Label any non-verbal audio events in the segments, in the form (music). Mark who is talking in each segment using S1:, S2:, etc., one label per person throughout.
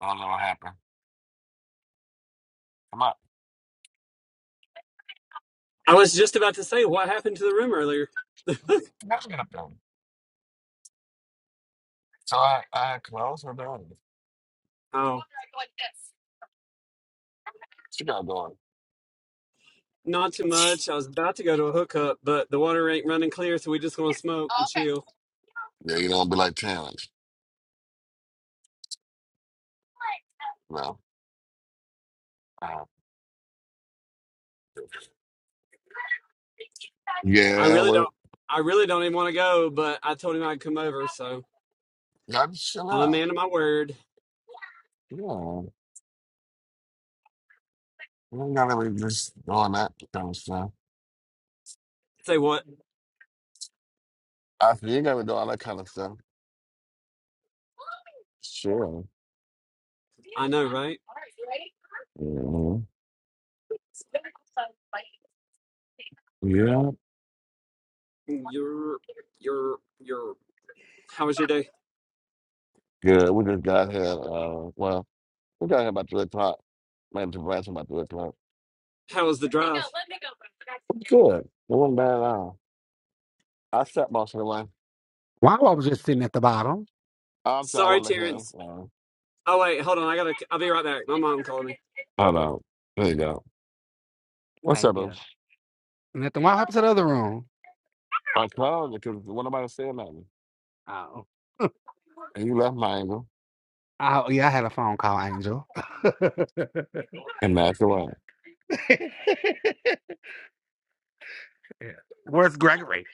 S1: I don't know what happened. Come up.
S2: I was just about to say what happened to the room earlier.
S1: Never get up there. So I, I close her door.
S2: Oh,
S1: She got going.
S2: not too much. I was about to go to a hookup, but the water ain't running clear, so we just gonna smoke and chill.
S1: You know, be like Terrence. You Uh,
S2: I
S1: yeah,
S2: really
S1: we
S2: don't. I really don't even want to go, but I told him I'd come over, so
S1: got to chill
S2: I'm a
S1: out.
S2: man of my word.
S1: Yeah. We ain't gotta be just doing that kind of stuff.
S2: Say what?
S1: I said, you gotta do all that kind of stuff. Sure.
S2: I know, right?
S1: hmm Yeah.
S2: You're, you're, you're. How was your day?
S1: Good. We just got here. Uh, well, we got here about 3 o'clock. Man, to ransom about 3 o'clock.
S2: How was the drive?
S1: Good. It wasn't bad at all. I sat most of the way.
S3: Wow, I was just sitting at the bottom.
S1: I'm sorry, I
S2: Sorry,
S1: wasn't looking
S2: Terrence.
S1: at him.
S2: Oh wait, hold on. I gotta. I'll be right back. My mom calling me.
S1: Hold on. There you go. What's up?
S3: Thank
S1: boo?
S3: you. Nothing. What happened to the other room?
S1: I called you because one of my said nothing.
S3: Oh. (laughs)
S1: And you left Miami
S3: Oh, yeah, I had a phone call, Angel. (laughs)
S1: and that's the one.
S3: Yeah. Where's Gregory?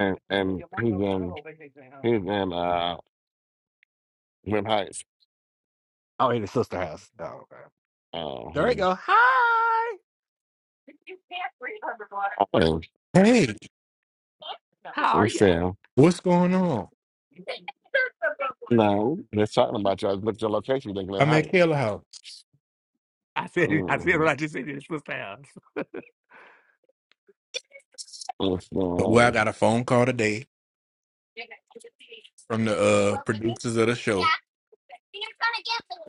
S1: And
S3: Oh,
S1: and he's in he's in uh Grim Heights.
S3: in his sister house. Oh, okay.
S1: Oh,
S3: There you
S1: hmm.
S3: go. Hi.
S1: Oh,
S4: Hey,
S3: How are
S1: it's
S3: you?
S1: Sam.
S4: what's going on?
S1: No, they're talking about you. I looked at your location, they're in Glen
S4: I'm at
S1: Heights.
S4: Kayla House.
S3: I said, I said
S1: hmm
S3: what I just said in his sister house.
S1: What's going
S4: Well, I got
S1: on?
S4: a phone call today from the uh, producers of the show.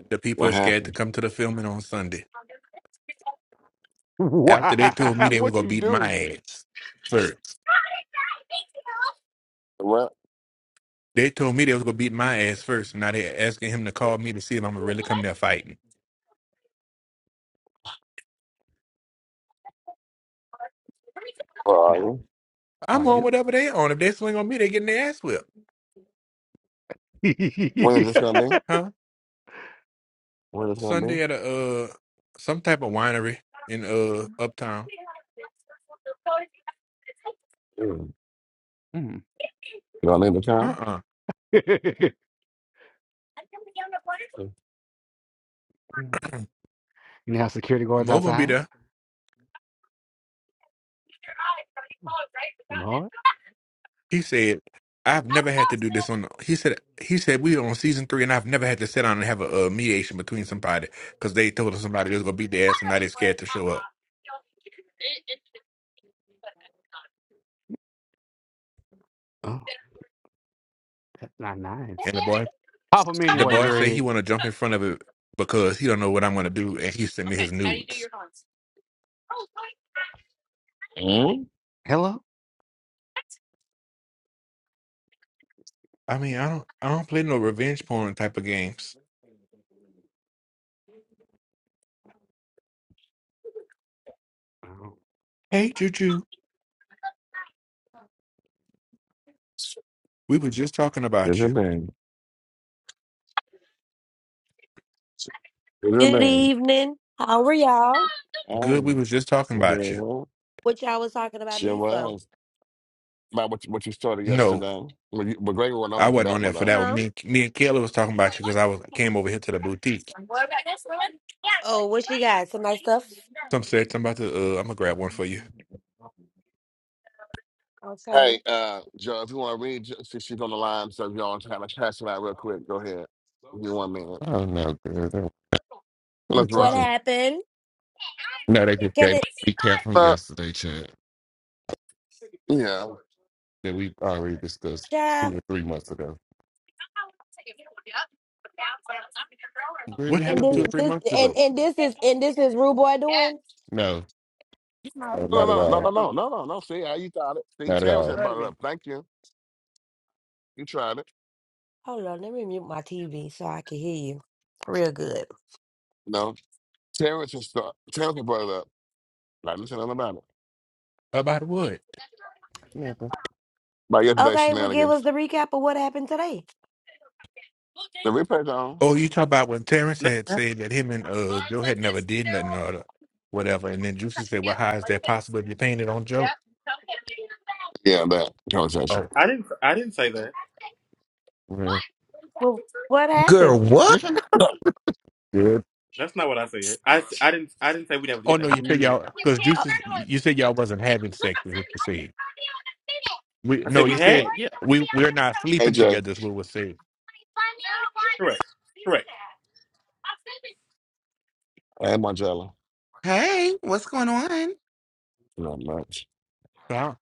S4: The people are
S1: What
S4: scared to
S1: happened?
S4: come to the filming on Sunday.
S3: (laughs)
S4: After they told me
S3: Why?
S4: they was
S3: What
S4: gonna
S3: you
S4: beat
S3: do?
S4: my ass first.
S1: What?
S4: They told me they was gonna beat my ass first. Now they asking him to call me to see if I'm gonna really come there fighting.
S1: Where are
S3: Now,
S1: you?
S4: I'm
S3: are
S4: on
S3: you? (laughs)
S4: whatever they on. If they swing on me, they getting their ass whipped.
S1: When is this gonna be?
S4: Huh?
S1: When is this gonna be?
S4: Sunday at a uh some type of winery in uh uptown.
S1: Mm.
S3: Mm. (laughs)
S1: You gonna leave the
S4: Uh
S1: town?
S4: uh-uh.
S3: you know how security
S4: uh.
S3: guards
S4: Mo gonna be
S3: outside?
S4: there.
S3: Lord,
S4: He said, "I've never had to do this on." He said, "He said we on season three, and I've never had to sit down and have a, uh mediation between somebody because they told us somebody was gonna beat their ass, and now they scared to show up."
S3: oh, that's not nice.
S4: And the boy,
S3: Pop them
S4: the
S3: anyway,
S4: boy said he
S3: Greg.
S4: want to jump in front of it because he don't know what I'm gonna do, and he sent me his nudes.
S3: Hello.
S4: I mean, I don't, I don't play no revenge porn type of games.
S3: Oh,
S4: Hey, Juju, we was just talking about
S1: Tudo
S4: you.
S1: bem, tudo
S5: Good
S1: bem.
S5: evening. How are y'all?
S4: Good, we
S1: Um,
S4: was just talking about you.
S1: Graham,
S5: What y'all was talking about
S1: she
S5: me for?
S1: was. About what you, what you started
S4: No,
S1: yesterday. Well, you, but Graham went on
S4: I
S1: up for
S4: wasn't on
S1: that one,
S4: there for
S1: though.
S4: that one.
S5: Huh?
S4: Me, and- me and Kayla was talking about you because I was came over here to the boutique.
S5: Oh, what she got? Some nice stuff?
S4: Some search. I'm about to. Uh, I'm gonna grab one for you.
S5: Okay.
S1: Hey, uh, Joe, if you want to read, Jo- she, she's on the line, so if y'all trying to pass it out real quick, go ahead. Give me one minute.
S6: Oh no, girl. That was
S1: Let's
S5: What
S1: rock.
S6: attention.
S5: happened?
S6: No, they just
S5: Can
S6: gave me
S5: it
S6: a recap from
S1: Uh,
S6: yesterday, Chad.
S1: yeah.
S6: that we already discussed
S5: child?
S6: two or three months ago.
S4: What
S6: Baby, we
S5: And
S4: happened
S5: this
S4: two or three
S5: this
S4: months
S5: and,
S4: ago?
S5: and this is and this is Rude Boy doing?
S6: no, no,
S1: No,
S6: not at
S1: no, no,
S6: all,
S1: no, no, no, no, no. See, how you got it. See,
S6: not at
S1: Terrence
S6: all.
S1: had brought it up. Thank you. You tried it.
S5: Hold on, let me mute my TV so I can hear you. Real good.
S1: No, Terrence has start. Terrence had brought it up. Like, listen, nothing about it.
S4: About what?
S6: Nothing.
S1: About yesterday's
S5: Okay, well give
S1: shenanigans.
S5: us the recap of what happened today.
S1: The replay's on.
S4: Oh, you talk about when Terrence
S7: No,
S4: had said that him and uh Joe had never did nothing or the- whatever, and then Juicy said, "Well, how is that possible? If you painted on Joe."
S1: Yeah, that
S4: Oh,
S1: conversation.
S7: I didn't. I didn't say that.
S6: Well,
S5: Well what
S8: Girl,
S5: happened?
S8: what?
S6: yeah, good.
S7: That's not what I said. I, I didn't. I didn't say we never
S3: that
S4: oh
S3: was
S7: did
S4: no, you
S7: nothing.
S3: on
S4: said
S3: mute.
S4: y'all because Juicy, you said y'all wasn't having sex. Is what you said. We
S7: I
S4: no,
S7: said we
S4: you said
S7: had. Yeah,
S4: we we're not
S1: Hey
S4: sleeping
S1: Jay,
S4: together. Is what was said.
S7: correct, correct.
S1: I had my jello.
S8: Hey, what's going on?
S1: Not much.
S4: Huh?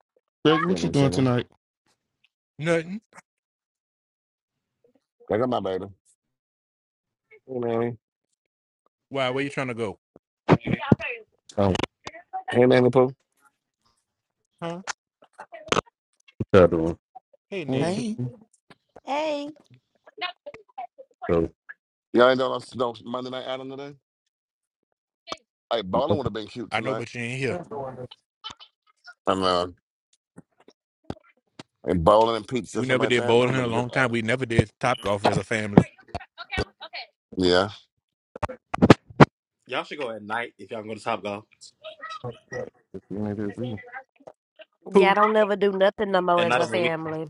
S6: Greg,
S1: You
S6: what you
S1: know,
S6: doing
S1: chilling.
S6: tonight?
S4: Nothing.
S1: I got my baby. Hey Nanny.
S4: Why? Where you trying to go?
S6: Oh,
S1: Hey Nanny Pooh.
S4: Huh?
S9: the other
S4: Hey,
S6: what you
S4: nanny.
S8: Hey,
S6: doing?
S5: Hey,
S9: So
S1: Y'all ain't doing no no Monday night outing today? Hey, bowling would have been cute
S4: I know,
S1: tonight.
S4: but you ain't here.
S1: I know. And bowling and pizza,
S4: We
S1: something
S4: never
S1: like
S4: did
S1: that. That would
S4: bowling
S1: have
S4: in a
S1: been a good
S4: long time.
S1: outing.
S4: We never did top golf as a family.
S1: Yeah.
S7: Y'all should go at night if y'all gonna go to Top Golf
S6: Just doing it as well.
S5: y'all
S4: Cool.
S5: don't never do nothing no more
S7: and
S5: as
S7: not
S5: a
S7: on the weekend.
S5: family.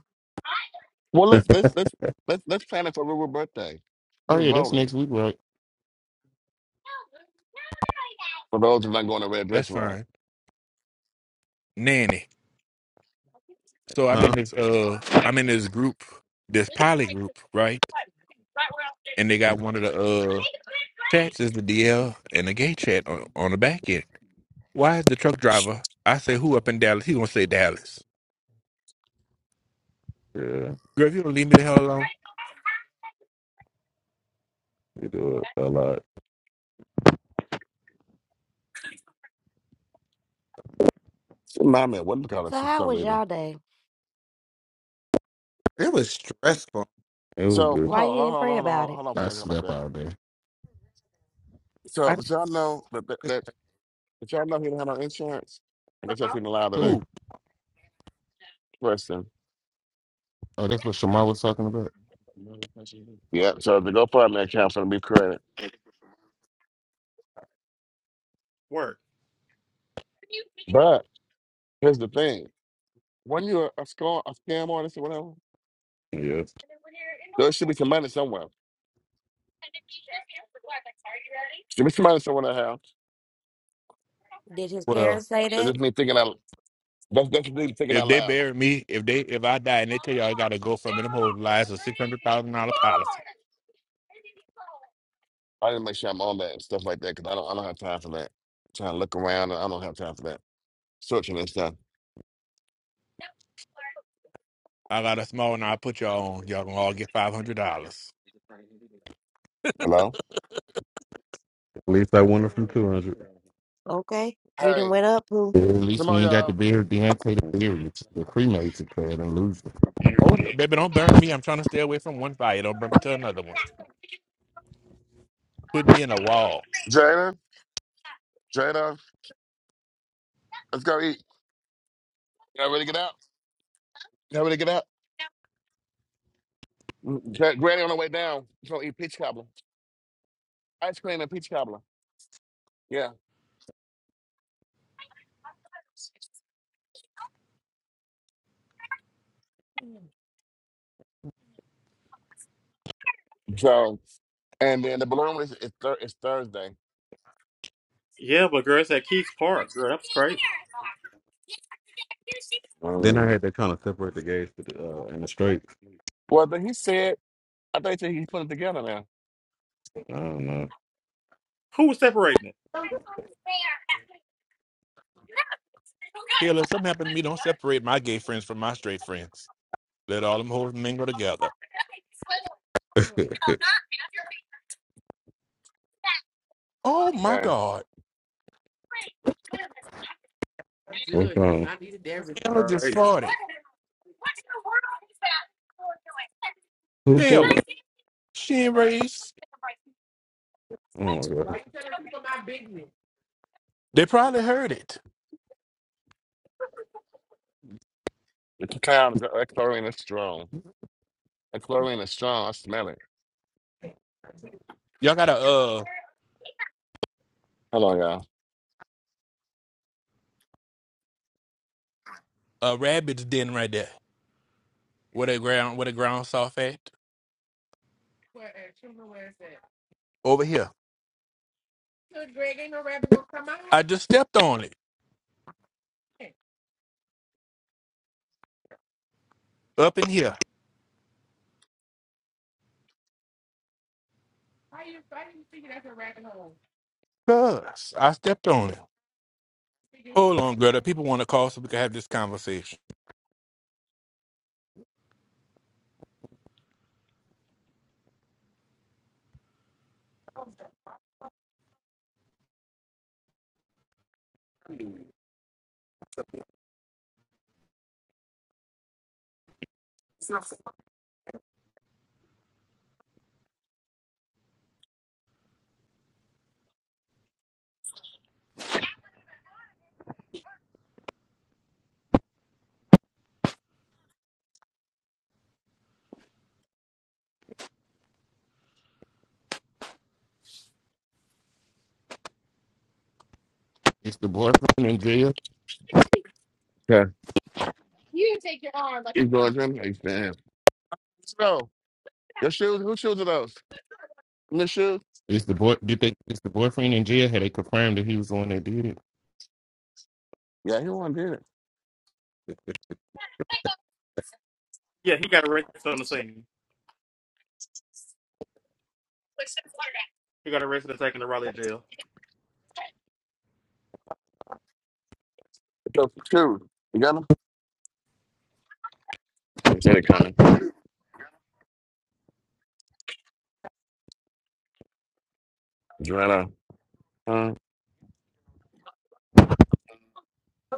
S1: Well
S9: (laughs)
S1: let's let's let's let's let's plan it for Rural birthday.
S6: oh
S1: Do
S6: yeah, that's
S1: bowling.
S6: next week, right?
S1: For those who are not going to red
S4: That's
S1: restaurant.
S4: fine. Nanny. So I'm in
S9: Huh?
S4: this uh I'm in this group, this poly group, right? And they got one of the uh chats is the DL and the gay chat on, on the back end. Why is the truck driver? I say who up in Dallas? He gonna say Dallas.
S9: yeah,
S4: Girl, if you don't leave me the hell alone,
S9: we do it a lot.
S1: She remind me of what call it
S5: So
S1: for
S5: how
S1: some
S5: was
S1: reason.
S5: y'all day?
S8: it was stressful.
S9: It was
S1: So hold on,
S9: good.
S5: Why
S1: hold
S5: you
S1: on,
S5: didn't
S1: hold on,
S5: pray
S1: hold
S5: about
S1: on,
S5: it?
S1: hold on for
S6: I
S1: y'all about
S6: slept
S1: that.
S6: all day.
S1: So
S8: I
S1: did y'all know that that, Did y'all know he didn't have no insurance? I guess that's been allowed today.
S6: Oh,
S4: who?
S1: Question.
S6: oh, that's what Shamar was talking about.
S1: (laughs) Yeah, so the GoFundMe account's gonna be credit.
S7: Work.
S1: But here's the thing. When you're a scam, a scam artist or whatever,
S9: Yes.
S1: there should be some money somewhere. Should be some money somewhere in the house.
S5: Did his
S4: Well,
S5: parents say
S1: That's
S5: that?
S1: just me thinking out that's that's just me thinking
S4: if
S1: out
S4: they
S1: loud.
S4: bury me, if they if I die and they tell y'all I gotta go for me, them whole lies a six hundred thousand dollar policy.
S1: I didn't make sure I'm on that and stuff like that because I don't I don't have time for that. trying to look around and I don't have time for that. Searching and stuff.
S4: I got a small and I put y'all on. Y'all gonna all get five hundred dollars.
S1: Hello?
S9: At least I won it from two hundred.
S5: Okay, you done
S1: Hey,
S5: went up, poo.
S6: Yeah, At least
S1: come
S6: we
S1: on
S6: ain't got to
S1: y'all.
S6: bury Deontay the theory, the cremated clad illusion.
S4: Oh no, baby, don't burn me. I'm trying to stay away from one fire. Don't burn me to another one. putting me in a wall.
S1: Jada, Jada, let's go eat. Y'all ready to get out? How to get out? Mm, Gra- Granny on the way down, she's gonna eat peach cobbler, ice cream and peach cobbler. Yeah. So, and then the balloon is it's, thur- it's Thursday.
S7: Yeah, but girl, it's at Keith's Park. Girl, that was crazy.
S9: Then
S1: Mm.
S9: I had to kind of separate the gauge to the, uh, and the straights.
S1: Well, then he said, I think that he's putting it together now.
S9: I don't know.
S7: Who was separating it?
S4: Hell, if something happened to me, don't separate my gay friends from my straight friends. Let all them hoes mingle together. Oh my
S1: Okay.
S4: God,
S9: What's wrong?
S7: That's
S4: Taylor just
S7: crazy.
S4: farted.
S9: Two
S4: Taylor,
S9: forty.
S4: she ain't raised.
S9: Oh my
S4: They probably heard it.
S1: It's a clown. That chlorine is strong. That chlorine is strong. I smell it.
S4: Y'all got a uh
S1: Hold on, y'all.
S4: a rabbit's den right there. Where the ground where the ground soft at? Over here. Good, Greg. Ain't no rabbit gonna come out. I just stepped on it. Up in here. Cuz I stepped on it. Hold on, Greta. People want to call so we can have this conversation.
S6: It's the boyfriend in jail
S1: Okay. You
S7: Yeah,
S1: going to drink? Hey, man. Let's Your shoes? Whose shoes are those? Miss shoes?
S6: Is the boy? Did they? Is the boyfriend in jail? Had they confirmed that he was the one that did it?
S1: Yeah, he wanted to do it.
S7: yeah, he got arrested on the scene. He got arrested and taken to Raleigh jail.
S1: It's those shoes. You got them? They say they're coming. Joanna. Uh,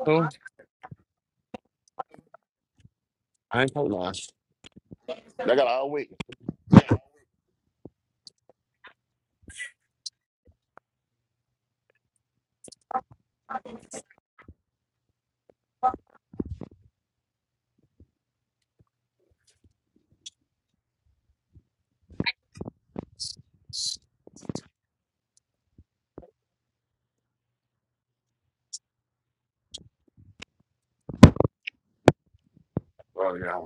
S1: who? I ain't told no. I got all week. Oh yeah.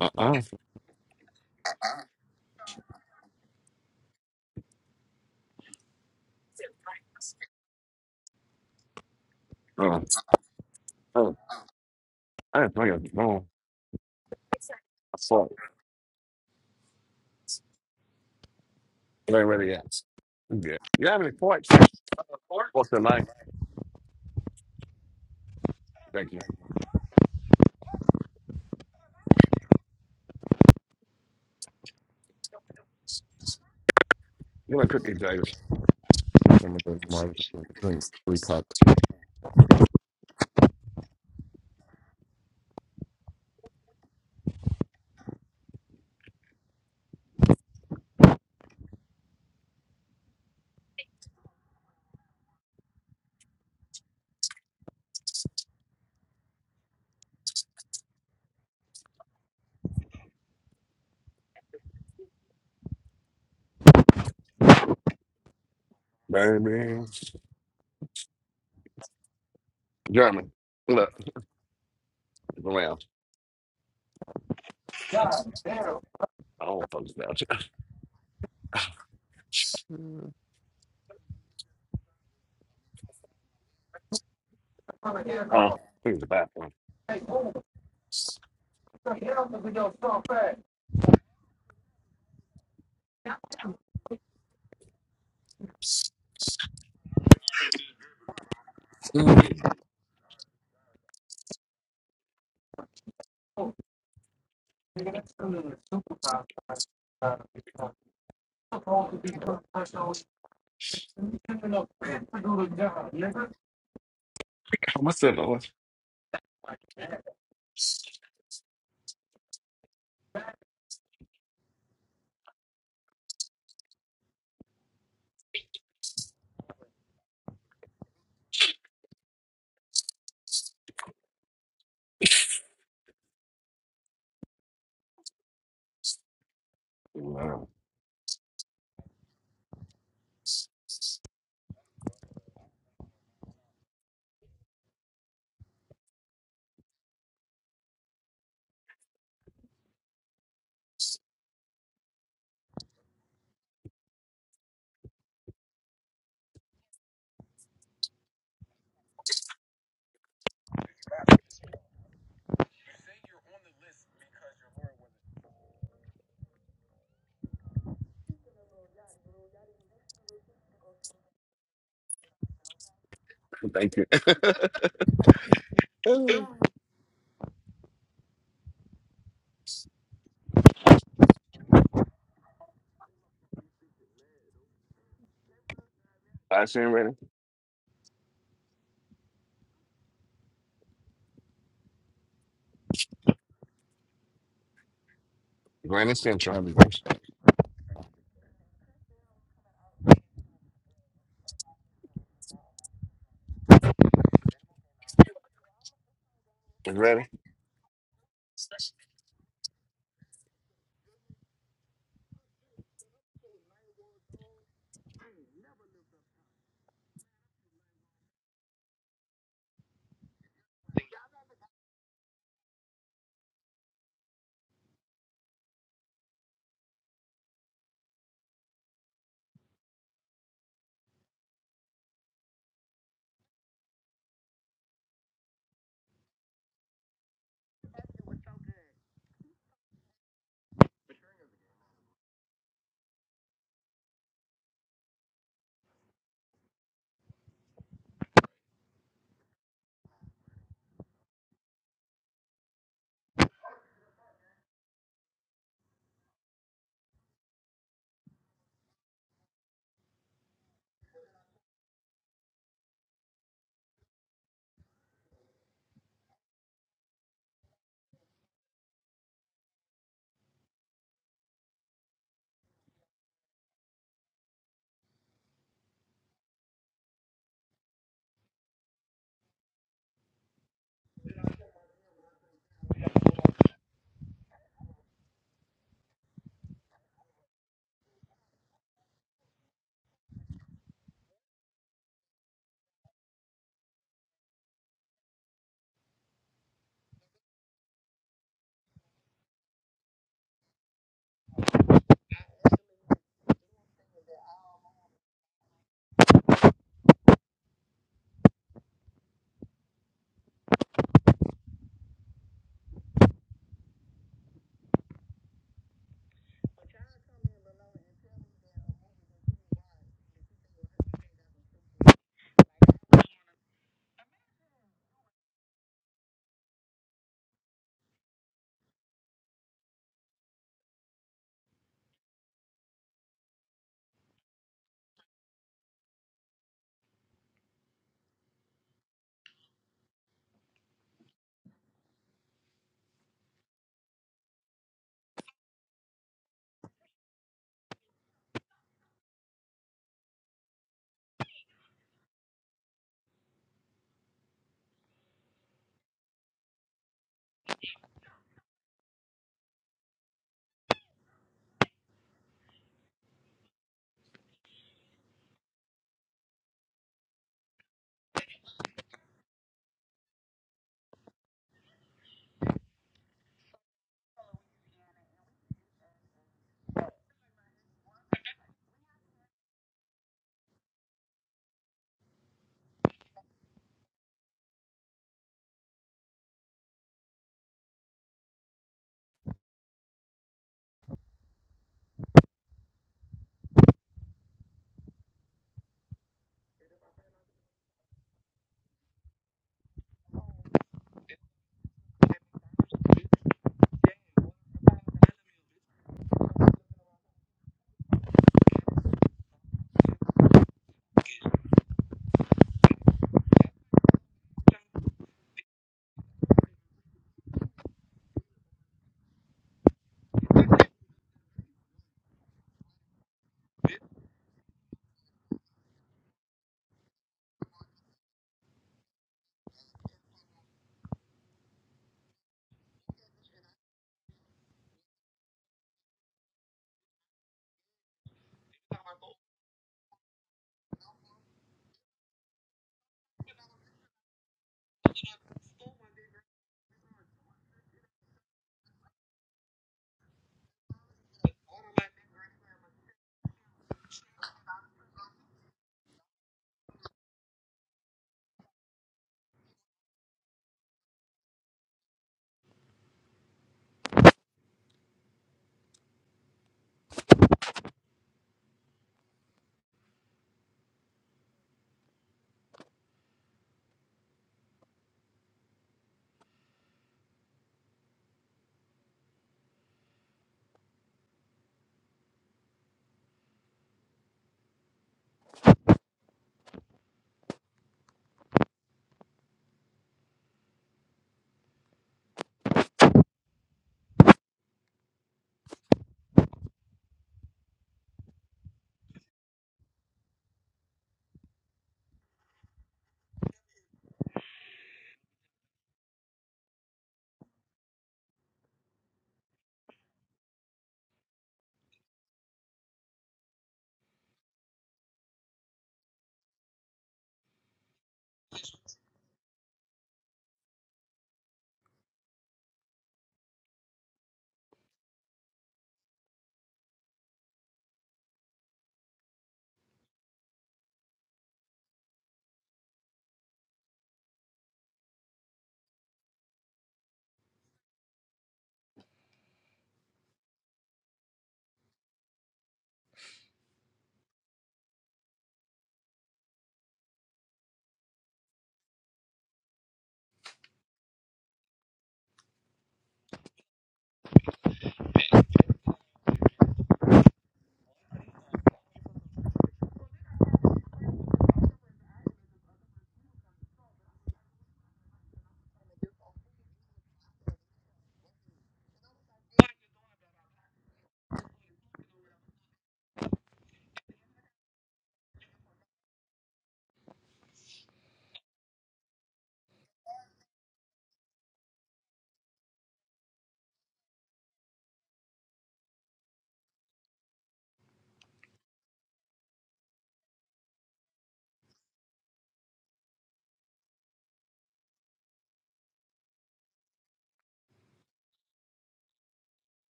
S1: Uh uh. Uh uh. I didn't think it. No. I saw it. It ain't ready yet. Yeah. You have any points? Four. What's the name? Thank you. You want cookie, Davis?
S6: I think I'm gonna go tomorrow to drink three cocktails.
S1: Baby. German. Look. Around. I don't fuck about you.
S6: Mm.
S1: Oh. Clean (laughs) the bathroom. Mm.
S9: god.
S1: How much that was? Wow. Thank you. (laughs) Last in ready. Granny Central.
S6: How is it?
S1: Ready?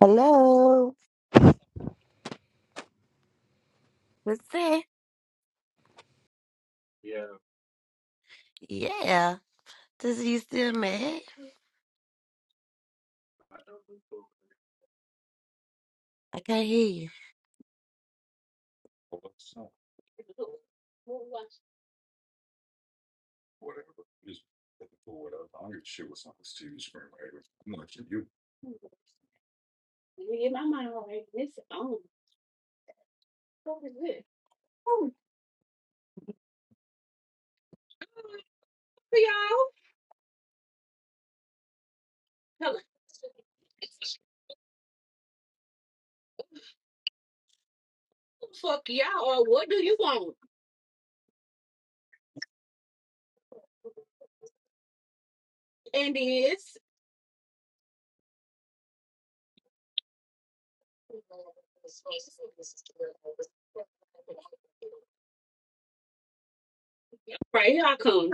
S5: Hello, What's up?
S3: Yeah.
S5: Yeah. This you still mad? I can't hear you. Let me get my mind right. This on. What is this? Oh, for y'all. Hello. Fuck y'all. Or what do you want? And this. Right here I come.